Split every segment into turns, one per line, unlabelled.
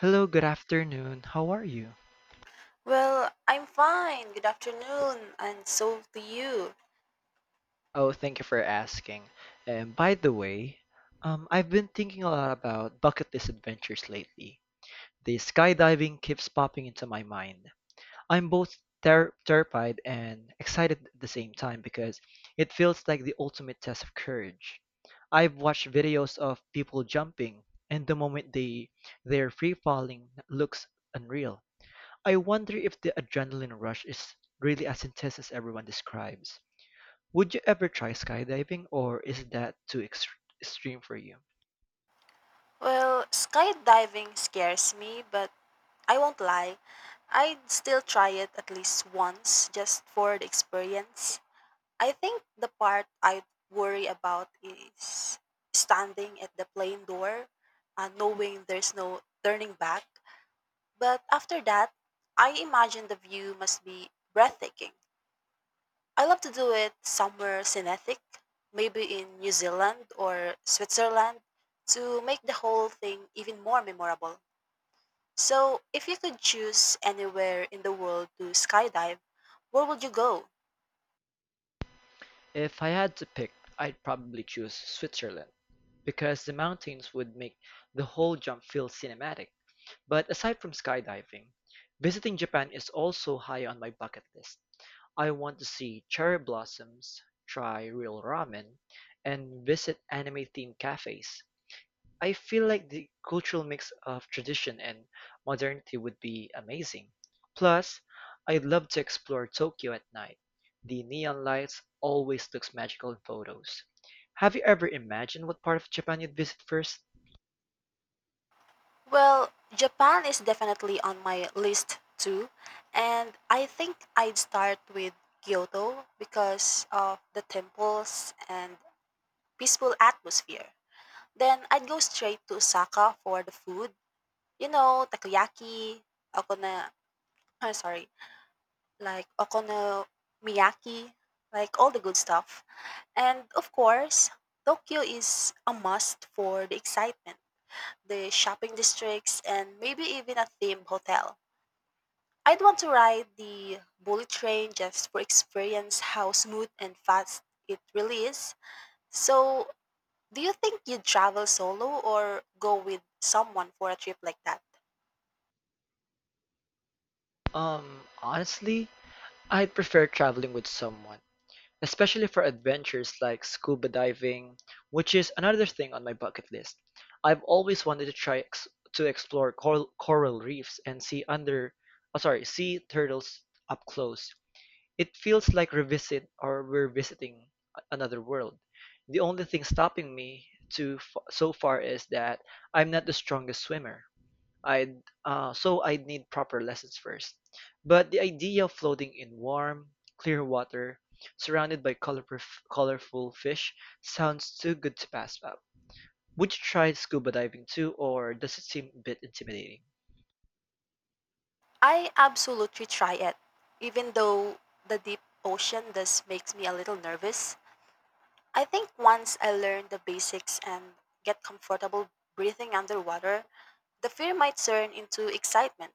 Hello, good afternoon. How are you?
Well, I'm fine. Good afternoon, and so to you.
Oh, thank you for asking. And by the way, I've been thinking a lot about bucket list adventures lately. The skydiving keeps popping into my mind. I'm both terrified and excited at the same time because it feels like the ultimate test of courage. I've watched videos of people jumping, and the moment they're free falling looks unreal. I wonder if the adrenaline rush is really as intense as everyone describes. Would you ever try skydiving, or is that too extreme for you?
Well, skydiving scares me, but I won't lie. I'd still try it at least once just for the experience. I think the part I worry about is standing at the plane door, knowing there's no turning back. But after that, I imagine the view must be breathtaking. I love to do it somewhere scenic, maybe in New Zealand or Switzerland, to make the whole thing even more memorable. So, if you could choose anywhere in the world to skydive, where would you go?
If I had to pick, I'd probably choose Switzerland because the mountains would make the whole jump feel cinematic. But aside from skydiving, visiting Japan is also high on my bucket list. I want to see cherry blossoms, try real ramen, and visit anime themed cafes. I feel like the cultural mix of tradition and modernity would be amazing. Plus, I'd love to explore Tokyo at night. The neon lights always looks magical in photos. Have you ever imagined what part of Japan you'd visit first?
Well, Japan is definitely on my list too, and I think I'd start with Kyoto because of the temples and peaceful atmosphere. Then I'd go straight to Osaka for the food. Takoyaki, okona I'm sorry, like okonomiyaki, like all the good stuff. And of course, Tokyo is a must for the excitement, the shopping districts, and maybe even a theme hotel. I'd want to ride the bullet train just for experience how smooth and fast it really is. So, do you think you'd travel solo or go with someone for a trip like that?
Honestly, I'd prefer traveling with someone. Especially for adventures like scuba diving, which is another thing on my bucket list. I've always wanted to try ex to explore coral reefs and see under, oh, sorry, sea turtles up close. It feels like revisit or we're visiting another world. The only thing stopping me to f so far is that I'm not the strongest swimmer. I'd so I'd need proper lessons first. But the idea of floating in warm, clear water, surrounded by colorful fish, sounds too good to pass up. Would you try scuba diving too, or does it seem a bit intimidating?
I absolutely try it, even though the deep ocean does makes me a little nervous. I think once I learn the basics and get comfortable breathing underwater, the fear might turn into excitement.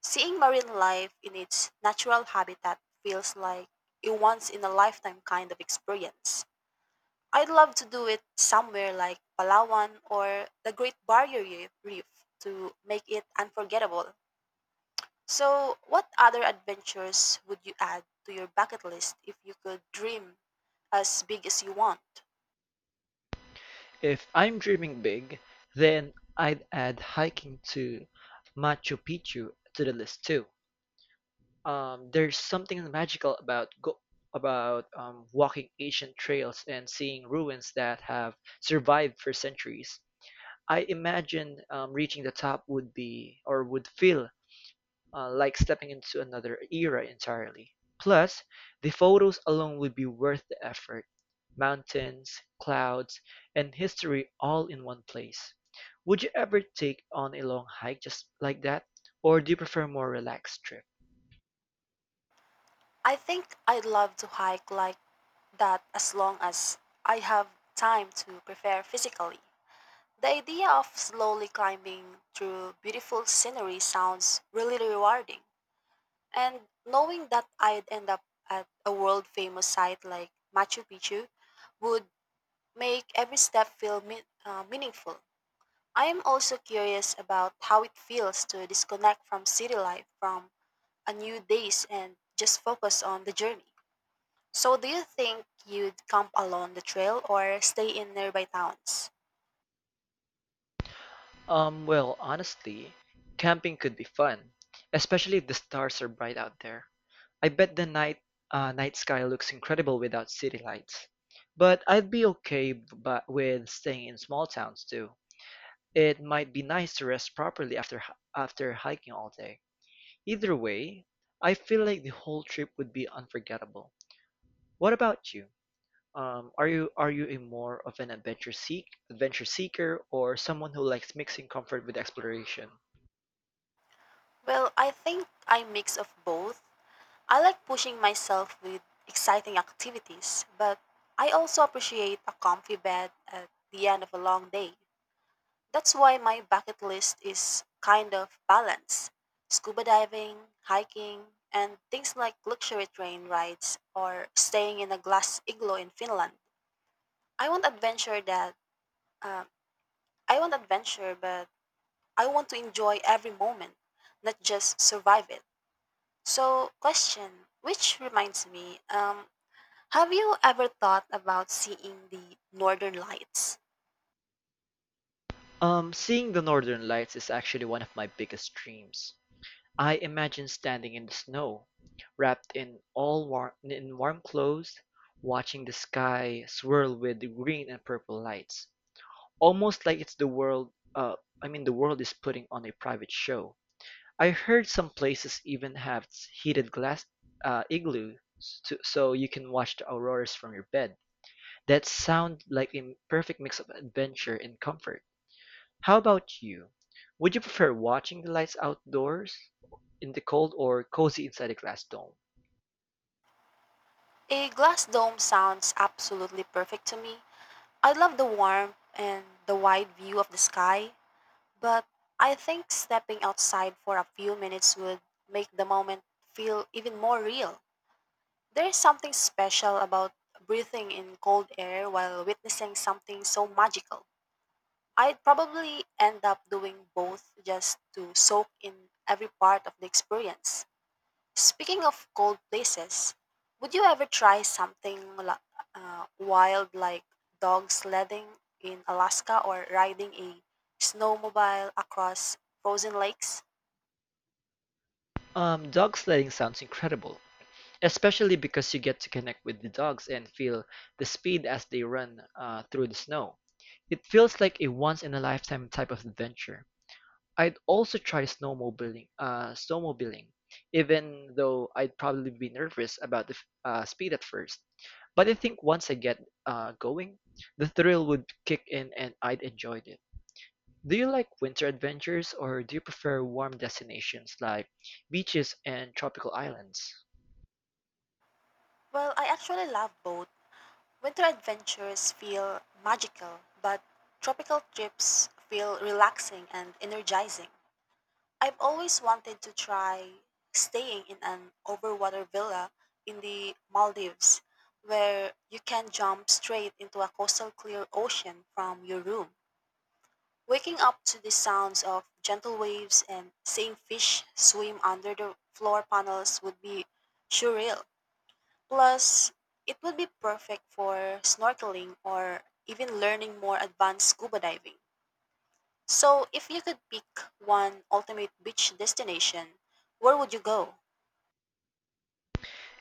Seeing marine life in its natural habitat feels like a once in a lifetime kind of experience. I'd love to do it somewhere like Palawan or the Great Barrier Reef to make it unforgettable. So, what other adventures would you add to your bucket list if you could dream as big as you want?
If I'm dreaming big, then I'd add hiking to Machu Picchu to the list too. There's something magical about walking ancient trails and seeing ruins that have survived for centuries. I imagine reaching the top would be or would feel like stepping into another era entirely. Plus, the photos alone would be worth the effort. Mountains, clouds, and history all in one place. Would you ever take on a long hike just like that, or do you prefer more relaxed trip?
I think I'd love to hike like that as long as I have time to prepare physically. The idea of slowly climbing through beautiful scenery sounds really rewarding. And knowing that I'd end up at a world famous site like Machu Picchu would make every step feel meaningful. I am also curious about how it feels to disconnect from city life from a new days and just focus on the journey. So do you think you'd camp along the trail or stay in nearby towns?
Well, honestly, camping could be fun, especially if the stars are bright out there. I bet the night sky looks incredible without city lights. But I'd be okay but with staying in small towns too. It might be nice to rest properly after hiking all day. Either way, I feel like the whole trip would be unforgettable. What about you? Are you a more of an adventure seeker or someone who likes mixing comfort with exploration?
Well, I think I mix of both. I like pushing myself with exciting activities, but I also appreciate a comfy bed at the end of a long day. That's why my bucket list is kind of balanced. Scuba diving, hiking, and things like luxury train rides or staying in a glass igloo in Finland. I want adventure that uh, I want adventure, but I want to enjoy every moment, not just survive it. So, question, which reminds me, have you ever thought about seeing the Northern Lights?
Seeing the northern lights is actually one of my biggest dreams. I imagine standing in the snow, wrapped in warm clothes, watching the sky swirl with the green and purple lights, almost like it's the world. I mean, the world is putting on a private show. I heard some places even have heated glass igloos, so you can watch the auroras from your bed. That sound like a perfect mix of adventure and comfort. How about you? Would you prefer watching the lights outdoors in the cold or cozy inside a glass dome?
A glass dome sounds absolutely perfect to me. I love the warmth and the wide view of the sky, but I think stepping outside for a few minutes would make the moment feel even more real. There is something special about breathing in cold air while witnessing something so magical. I'd probably end up doing both just to soak in every part of the experience. Speaking of cold places, would you ever try something wild like dog sledding in Alaska or riding a snowmobile across frozen lakes?
Dog sledding sounds incredible, especially because you get to connect with the dogs and feel the speed as they run through the snow. It feels like a once in a lifetime type of adventure. I'd also try snowmobiling, even though I'd probably be nervous about the speed at first. But I think once I get going, the thrill would kick in and I'd enjoy it. Do you like winter adventures or do you prefer warm destinations like beaches and tropical islands?
Well, I actually love both. Winter adventures feel magical, but tropical trips feel relaxing and energizing. I've always wanted to try staying in an overwater villa in the Maldives where you can jump straight into a coastal clear ocean from your room. Waking up to the sounds of gentle waves and seeing fish swim under the floor panels would be surreal. Plus, it would be perfect for snorkeling or even learning more advanced scuba diving. So, if you could pick one ultimate beach destination, where would you go?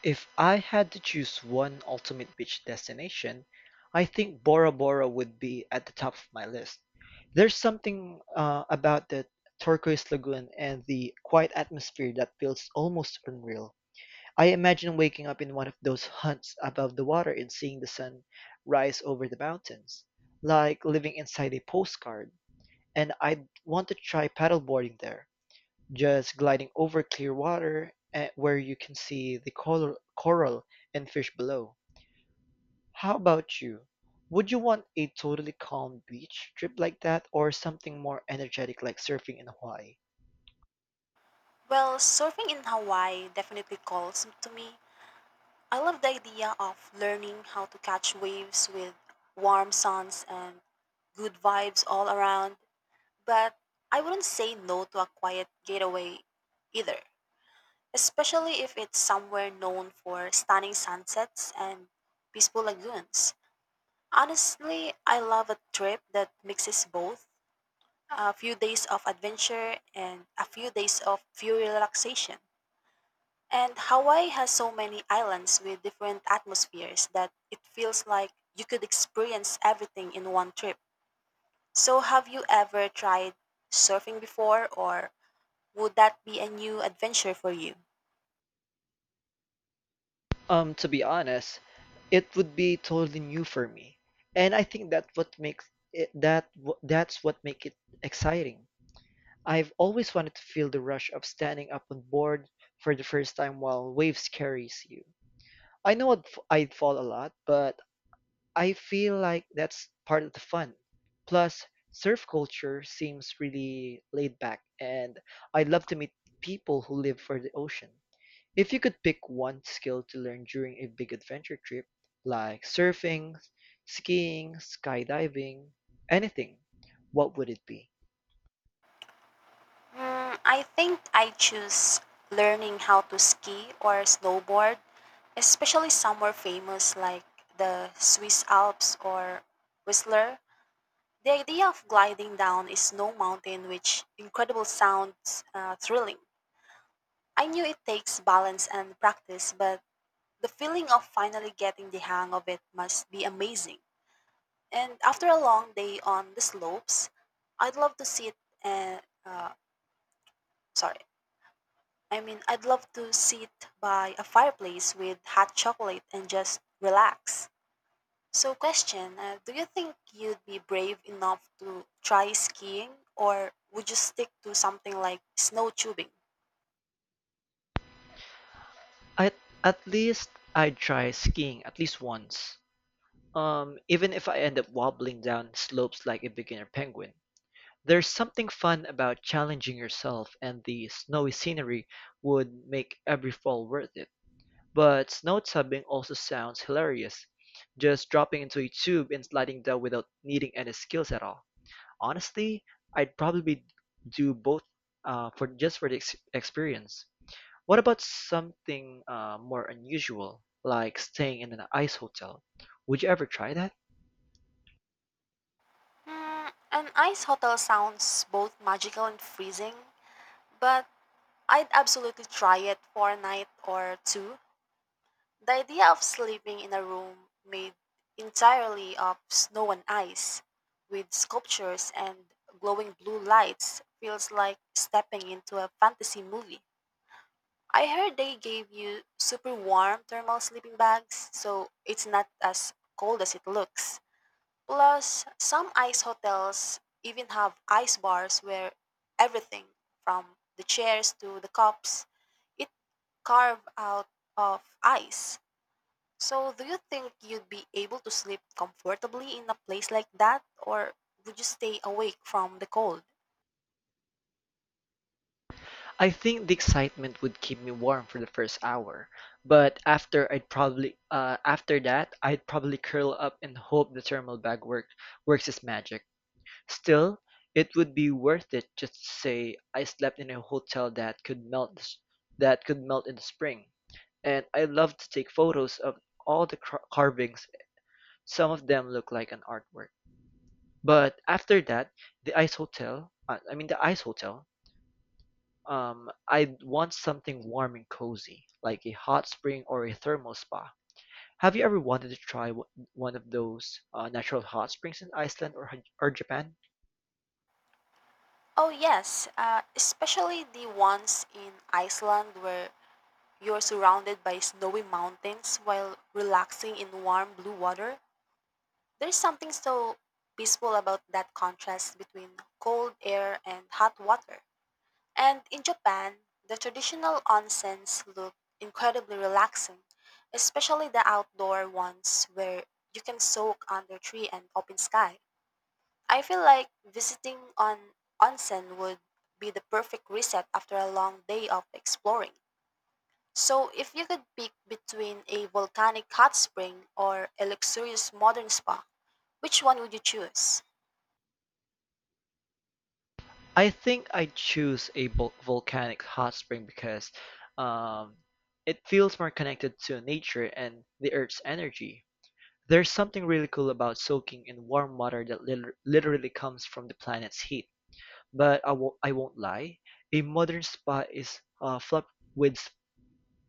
If I had to choose one ultimate beach destination, I think Bora Bora would be at the top of my list. There's something about the turquoise lagoon and the quiet atmosphere that feels almost unreal. I imagine waking up in one of those huts above the water and seeing the sun rise over the mountains, like living inside a postcard. And I'd want to try paddleboarding there just gliding over clear water eh, where you can see the coral and fish below. How about you? Would you want a totally calm beach trip like that or something more energetic like surfing in Hawaii?
Well, surfing in Hawaii definitely calls to me. I love the idea of learning how to catch waves with warm suns and good vibes all around, but I wouldn't say no to a quiet getaway either, especially if it's somewhere known for stunning sunsets and peaceful lagoons. Honestly, I love a trip that mixes both a few days of adventure and a few days of pure relaxation. And Hawaii has so many islands with different atmospheres that it feels like you could experience everything in one trip. So, have you ever tried surfing before, or would that be a new adventure for you?
To be honest, it would be totally new for me. And I think that's what make it exciting. I've always wanted to feel the rush of standing up on board for the first time while waves carries you. I'd fall a lot, but I feel like that's part of the fun. Plus, surf culture seems really laid back, and I'd love to meet people who live for the ocean. If you could pick one skill to learn during a big adventure trip, like surfing, skiing, skydiving, anything, what would it be?
Mm, I think I choose learning how to ski or snowboard, especially somewhere famous like the Swiss Alps or Whistler. The idea of gliding down a snow mountain with incredible sounds thrilling. I knew it takes balance and practice, but the feeling of finally getting the hang of it must be amazing. And after a long day on the slopes, I'd love to sit and uh, sorry, I mean I'd love to sit by a fireplace with hot chocolate and just relax. So, question do you think you'd be brave enough to try skiing, or would you stick to something like snow tubing?
At at least I'd try skiing at least once. Even if I end up wobbling down slopes like a beginner penguin. There's something fun about challenging yourself and the snowy scenery would make every fall worth it. But snow tubing also sounds hilarious. Just dropping into a tube and sliding down without needing any skills at all. Honestly, I'd probably do both for just for the experience. What about something more unusual, like staying in an ice hotel? Would you ever try that?
An ice hotel sounds both magical and freezing, but I'd absolutely try it for a night or two. The idea of sleeping in a room made entirely of snow and ice, with sculptures and glowing blue lights, feels like stepping into a fantasy movie. I heard they gave you super warm thermal sleeping bags, so it's not as cold as it looks. Plus, some ice hotels even have ice bars where everything from the chairs to the cups it carved out of ice. So, do you think you'd be able to sleep comfortably in a place like that, or would you stay awake from the cold?
I think the excitement would keep me warm for the first hour, but after that I'd probably curl up and hope the thermal bag works its magic. Still, it would be worth it just to say I slept in a hotel that could melt in the spring, and I love to take photos of all the carvings. Some of them look like an artwork. But after that, I mean the ice hotel, I want something warm and cozy, like a hot spring or a thermal spa. Have you ever wanted to try one of those natural hot springs in Iceland, or Japan?
Oh, yes, especially the ones in Iceland where you're surrounded by snowy mountains while relaxing in warm blue water. There's something so peaceful about that contrast between cold air and hot water. And in Japan, the traditional onsens look incredibly relaxing, especially the outdoor ones where you can soak under tree and open sky. I feel like visiting an onsen would be the perfect reset after a long day of exploring. So, if you could pick between a volcanic hot spring or a luxurious modern spa, which one would you choose?
I think I choose a volcanic hot spring because um, it feels more connected to nature and the Earth's energy. There's something really cool about soaking in warm water that literally comes from the planet's heat. But I won't lie, a modern spa is with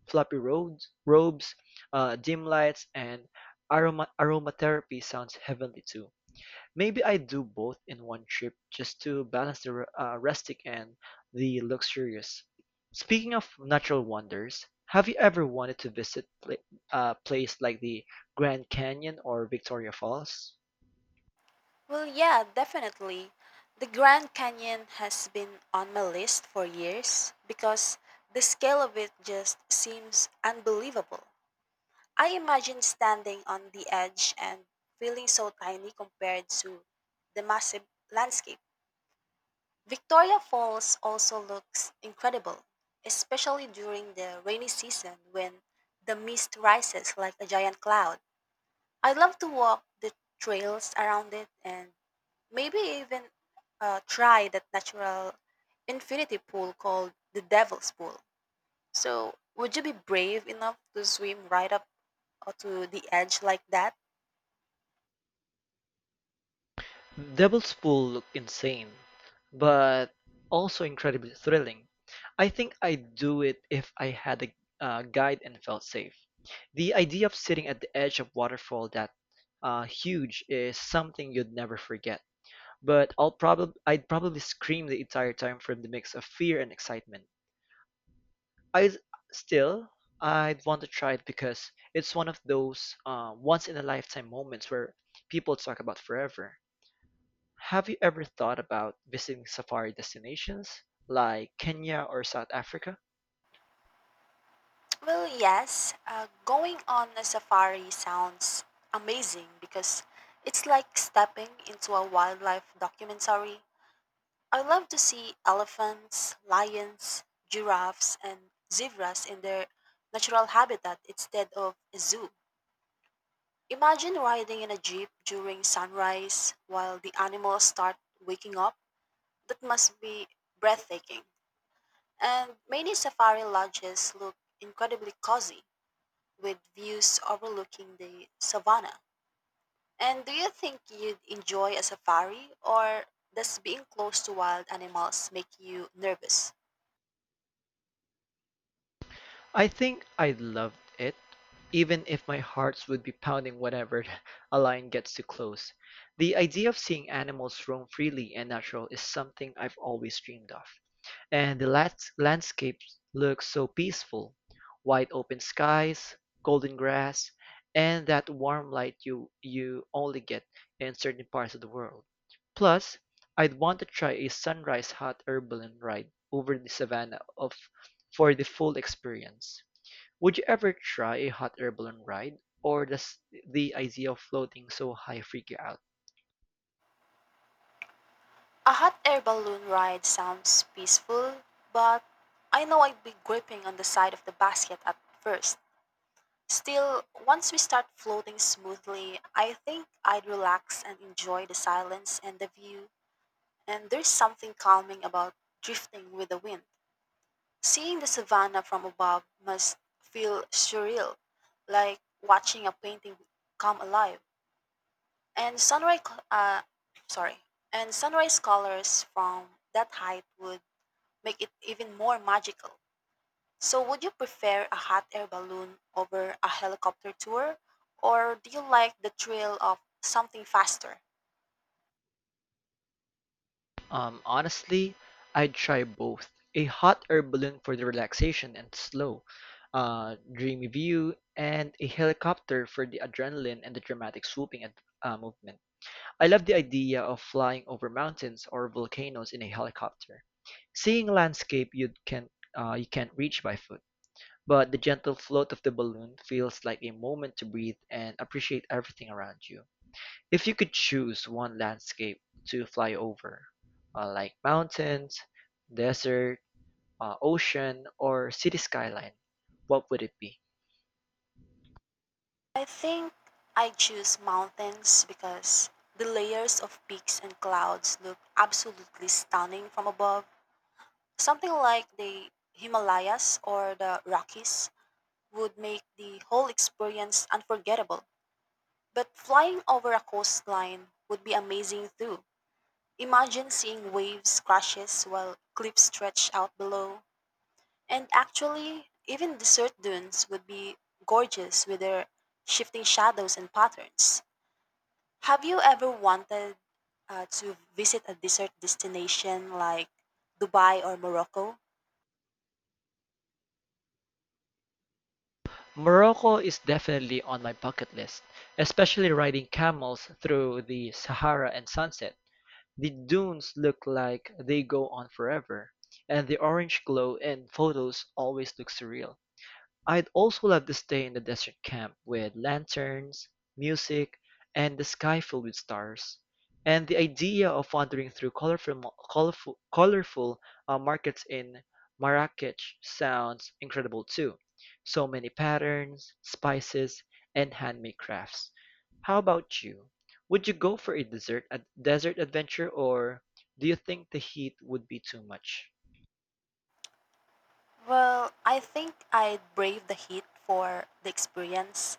robes, dim lights, and aromatherapy sounds heavenly too. Maybe I do both in one trip just to balance the rustic and the luxurious. Speaking of natural wonders, have you ever wanted to visit a place like the Grand Canyon or Victoria Falls?
Well, yeah, definitely. The Grand Canyon has been on my list for years because the scale of it just seems unbelievable. I imagine standing on the edge and feeling so tiny compared to the massive landscape. Victoria Falls also looks incredible, especially during the rainy season when the mist rises like a giant cloud. I love to walk the trails around it and maybe even try that natural infinity pool called the Devil's Pool. So, would you be brave enough to swim right up to the edge like that?
Devil's Pool looked insane, but also incredibly thrilling. I think I'd do it if I had a guide and felt safe. The idea of sitting at the edge of waterfall that huge is something you'd never forget. But I'd probably scream the entire time from the mix of fear and excitement. I still I'd want to try it because it's one of those once in a lifetime moments where people talk about forever. Have you ever thought about visiting safari destinations like Kenya or South Africa?
Well, yes, going on a safari sounds amazing because it's like stepping into a wildlife documentary. I love to see elephants, lions, giraffes, and zebras in their natural habitat instead of a zoo. Imagine riding in a jeep during sunrise while the animals start waking up. That must be breathtaking. And many safari lodges look incredibly cozy with views overlooking the savannah. And do you think you'd enjoy a safari, or does being close to wild animals make you nervous?
I think I'd love it, even if my hearts would be pounding whenever a lion gets too close. The idea of seeing animals roam freely and natural is something I've always dreamed of. And the landscape looks so peaceful. Wide open skies, golden grass, and that warm light you only get in certain parts of the world. Plus, I'd want to try a sunrise hot airballoon ride over the savannah of for the full experience. Would you ever try a hot air balloon ride, or does the idea of floating so high freak you out?
A hot air balloon ride sounds peaceful, but I know I'd be gripping on the side of the basket at first. Still, once we start floating smoothly, I think I'd relax and enjoy the silence and the view. And there's something calming about drifting with the wind. Seeing the savanna from above must feel surreal, like watching a painting come alive. And sunrise, co- uh, Sorry, and sunrise colors from that height would make it even more magical. So, would you prefer a hot air balloon over a helicopter tour, or do you like the thrill of something faster?
Honestly, I'd try both. A hot air balloon for the relaxation and slow, dreamy view, and a helicopter for the adrenaline and the dramatic swooping and movement. I love the idea of flying over mountains or volcanoes in a helicopter, seeing landscape you can't reach by foot. But the gentle float of the balloon feels like a moment to breathe and appreciate everything around you. If you could choose one landscape to fly over, like mountains, desert, ocean, or city skyline, what would it be?
I think I choose mountains because the layers of peaks and clouds look absolutely stunning from above. Something like the Himalayas or the Rockies would make the whole experience unforgettable. But flying over a coastline would be amazing too. Imagine seeing waves crashes while cliffs stretch out below. And actually, even desert dunes would be gorgeous with their shifting shadows and patterns. Have you ever wanted to visit a desert destination like Dubai or Morocco?
Morocco is definitely on my bucket list, especially riding camels through the Sahara and sunset. The dunes look like they go on forever, and the orange glow in photos always looks surreal. I'd also love to stay in a desert camp with lanterns, music, and the sky filled with stars. And the idea of wandering through colorful markets in Marrakech sounds incredible too. So many patterns, spices, and handmade crafts. How about you? Would you go for a desert adventure, or do you think the heat would be too much?
Well, I think I'd brave the heat for the experience,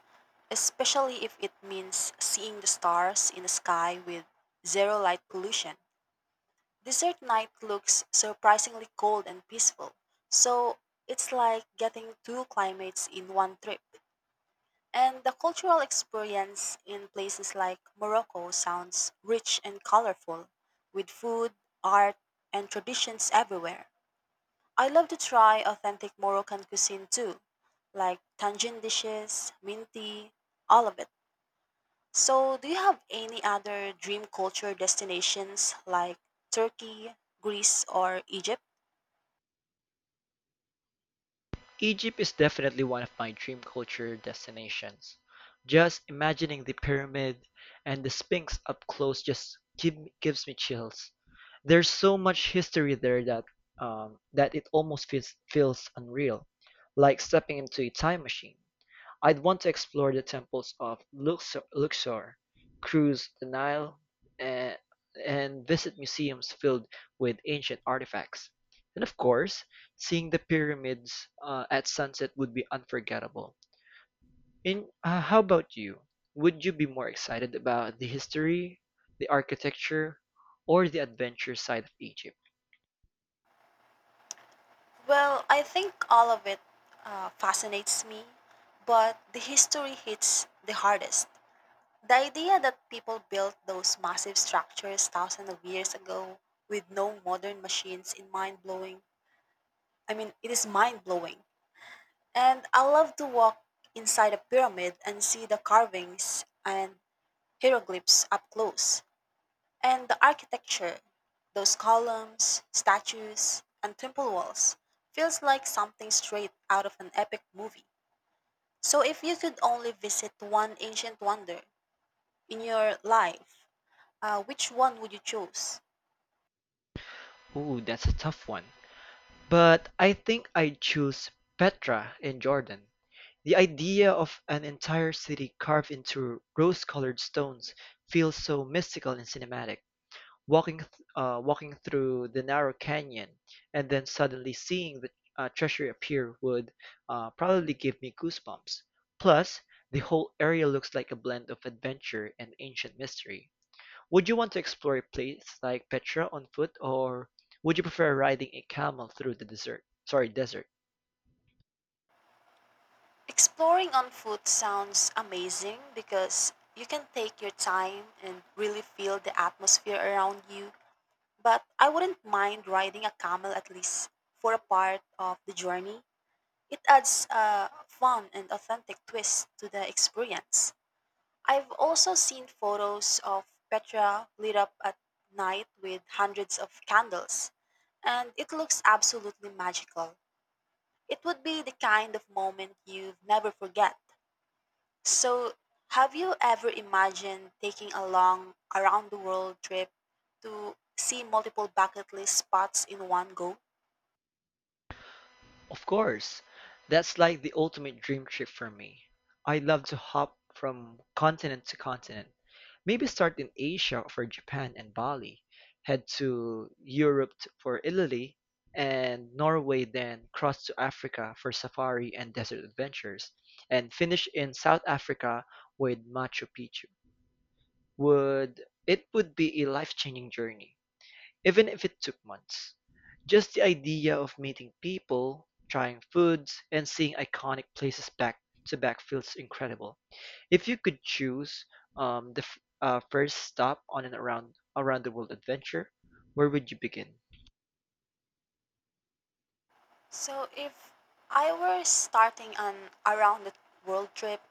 especially if it means seeing the stars in the sky with zero light pollution. Desert night looks surprisingly cold and peaceful, so it's like getting two climates in one trip. And the cultural experience in places like Morocco sounds rich and colorful, with food, art, and traditions everywhere. I love to try authentic Moroccan cuisine too, like tangine dishes, minty, all of it. So, do you have any other dream culture destinations like Turkey, Greece, or Egypt?
Egypt is definitely one of my dream culture destinations. Just imagining the pyramid and the Sphinx up close gives me chills. There's so much history there that it almost feels unreal, like stepping into a time machine. I'd want to explore the temples of Luxor, cruise the Nile, and, and visit museums filled with ancient artifacts. And of course, seeing the pyramids at sunset would be unforgettable. And how about you? Would you be more excited about the history, the architecture, or the adventure side of Egypt?
Well, I think all of it fascinates me, but the history hits the hardest. The idea that people built those massive structures thousands of years ago with no modern machines is mind blowing. I mean, it is mind blowing. And I love to walk inside a pyramid and see the carvings and hieroglyphs up close. And the architecture, those columns, statues, and temple walls, feels like something straight out of an epic movie. So, if you could only visit one ancient wonder in your life, which one would you choose?
Ooh, that's a tough one. But I think I'd choose Petra in Jordan. The idea of an entire city carved into rose-colored stones feels so mystical and cinematic. Walking, th- Walking through the narrow canyon and then suddenly seeing the treasure appear would probably give me goosebumps. Plus, the whole area looks like a blend of adventure and ancient mystery. Would you want to explore a place like Petra on foot, or would you prefer riding a camel through the desert? Sorry, desert.
Exploring on foot sounds amazing because you can take your time and really feel the atmosphere around you, but I wouldn't mind riding a camel at least for a part of the journey. It adds a fun and authentic twist to the experience. I've also seen photos of Petra lit up at night with hundreds of candles, and it looks absolutely magical. It would be the kind of moment you'd never forget. So, have you ever imagined taking a long around the world trip to see multiple bucket list spots in one go?
Of course, that's like the ultimate dream trip for me. I love to hop from continent to continent. Maybe start in Asia for Japan and Bali, head to Europe for Italy and Norway, then cross to Africa for safari and desert adventures, and finish in South Africa with Machu Picchu. Would It would be a life-changing journey. Even if it took months, just the idea of meeting people, trying foods, and seeing iconic places back to back feels incredible. If you could choose first stop on an around the world adventure, where would you begin?
So, if I were starting an around the world trip,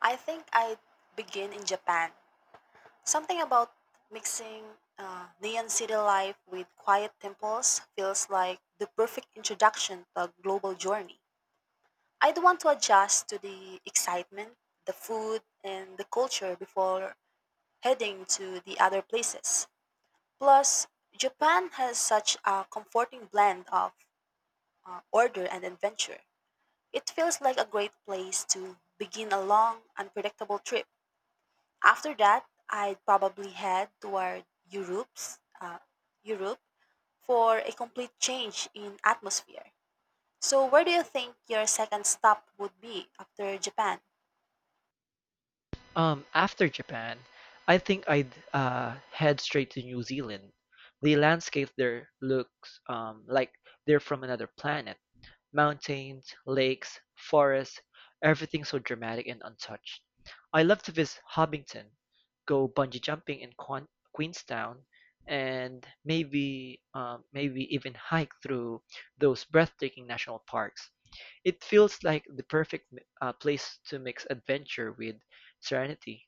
I think I'd begin in Japan. Something about mixing neon city life with quiet temples feels like the perfect introduction to a global journey. I'd want to adjust to the excitement, the food, and the culture before heading to the other places. Plus, Japan has such a comforting blend of order and adventure. It feels like a great place to begin a long, unpredictable trip. After that, I'd probably head toward Europe's, uh, Europe for a complete change in atmosphere. So, where do you think your second stop would be after Japan?
After Japan, I think I'd head straight to New Zealand. The landscape there looks like they're from another planet. Mountains, lakes, forests, everything so dramatic and untouched. I love to visit Hobbiton, go bungee jumping in Quan Queenstown, and maybe even hike through those breathtaking national parks. It feels like the perfect place to mix adventure with serenity.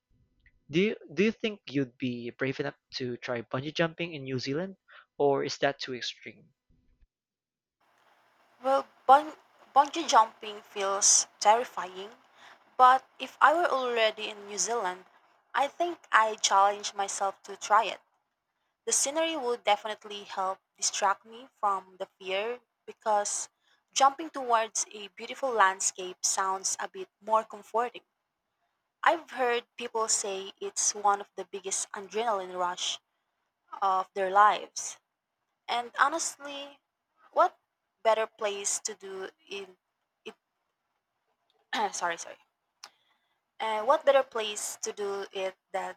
Do you think you'd be brave enough to try bungee jumping in New Zealand, or is that too extreme?
Well, bungee jumping feels terrifying, but if I were already in New Zealand, I think I'd challenge myself to try it. The scenery would definitely help distract me from the fear because jumping towards a beautiful landscape sounds a bit more comforting. I've heard people say it's one of the biggest adrenaline rush of their lives. And honestly, what better place to do in it sorry, sorry. What better place to do it than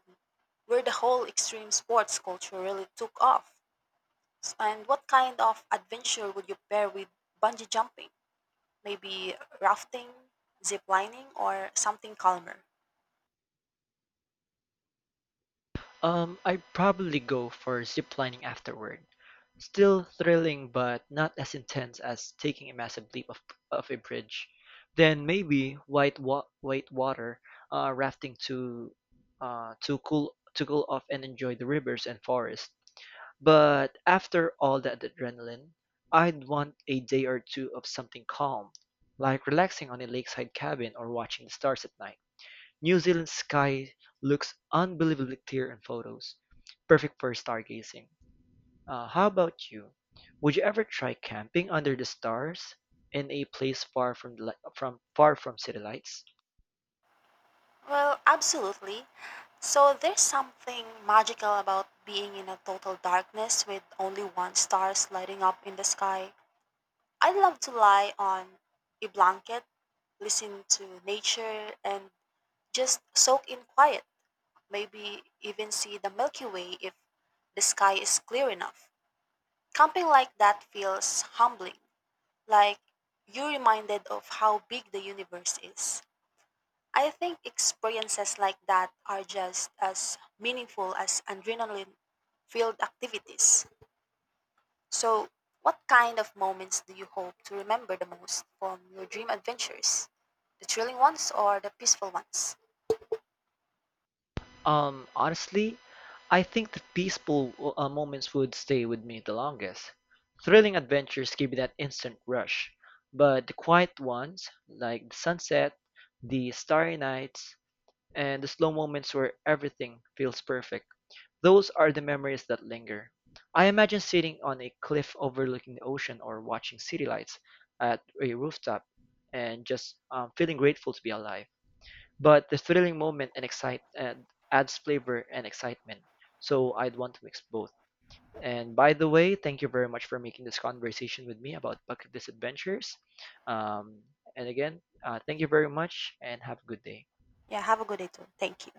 where the whole extreme sports culture really took off? And what kind of adventure would you pair with bungee jumping? Maybe rafting, zip lining, or something calmer?
I'd probably go for ziplining afterward. Still thrilling, but not as intense as taking a massive leap of a bridge. Then maybe white water rafting to cool off and enjoy the rivers and forest. But after all that adrenaline, I'd want a day or two of something calm, like relaxing on a lakeside cabin or watching the stars at night. New Zealand's sky looks unbelievably clear in photos, perfect for stargazing. How about you? Would you ever try camping under the stars in a place far from from far from city lights?
Well, absolutely. So there's something magical about being in a total darkness with only one star lighting up in the sky. I would love to lie on a blanket, listen to nature, and just soak in quiet, maybe even see the Milky Way if the sky is clear enough. Camping like that feels humbling, like you're reminded of how big the universe is. I think experiences like that are just as meaningful as adrenaline filled activities. So, what kind of moments do you hope to remember the most from your dream adventures? The thrilling ones or the peaceful ones?
Honestly, I think the peaceful moments would stay with me the longest. Thrilling adventures give you that instant rush, but the quiet ones, like the sunset, the starry nights, and the slow moments where everything feels perfect. Those are the memories that linger. I imagine sitting on a cliff overlooking the ocean or watching city lights at a rooftop and just feeling grateful to be alive. But the thrilling moment and adds flavor and excitement. So I'd want to mix both. And by the way, thank you very much for making this conversation with me about bucket list adventures. Um, and again, thank you very much and have a good day.
Yeah, have a good day too. Thank you.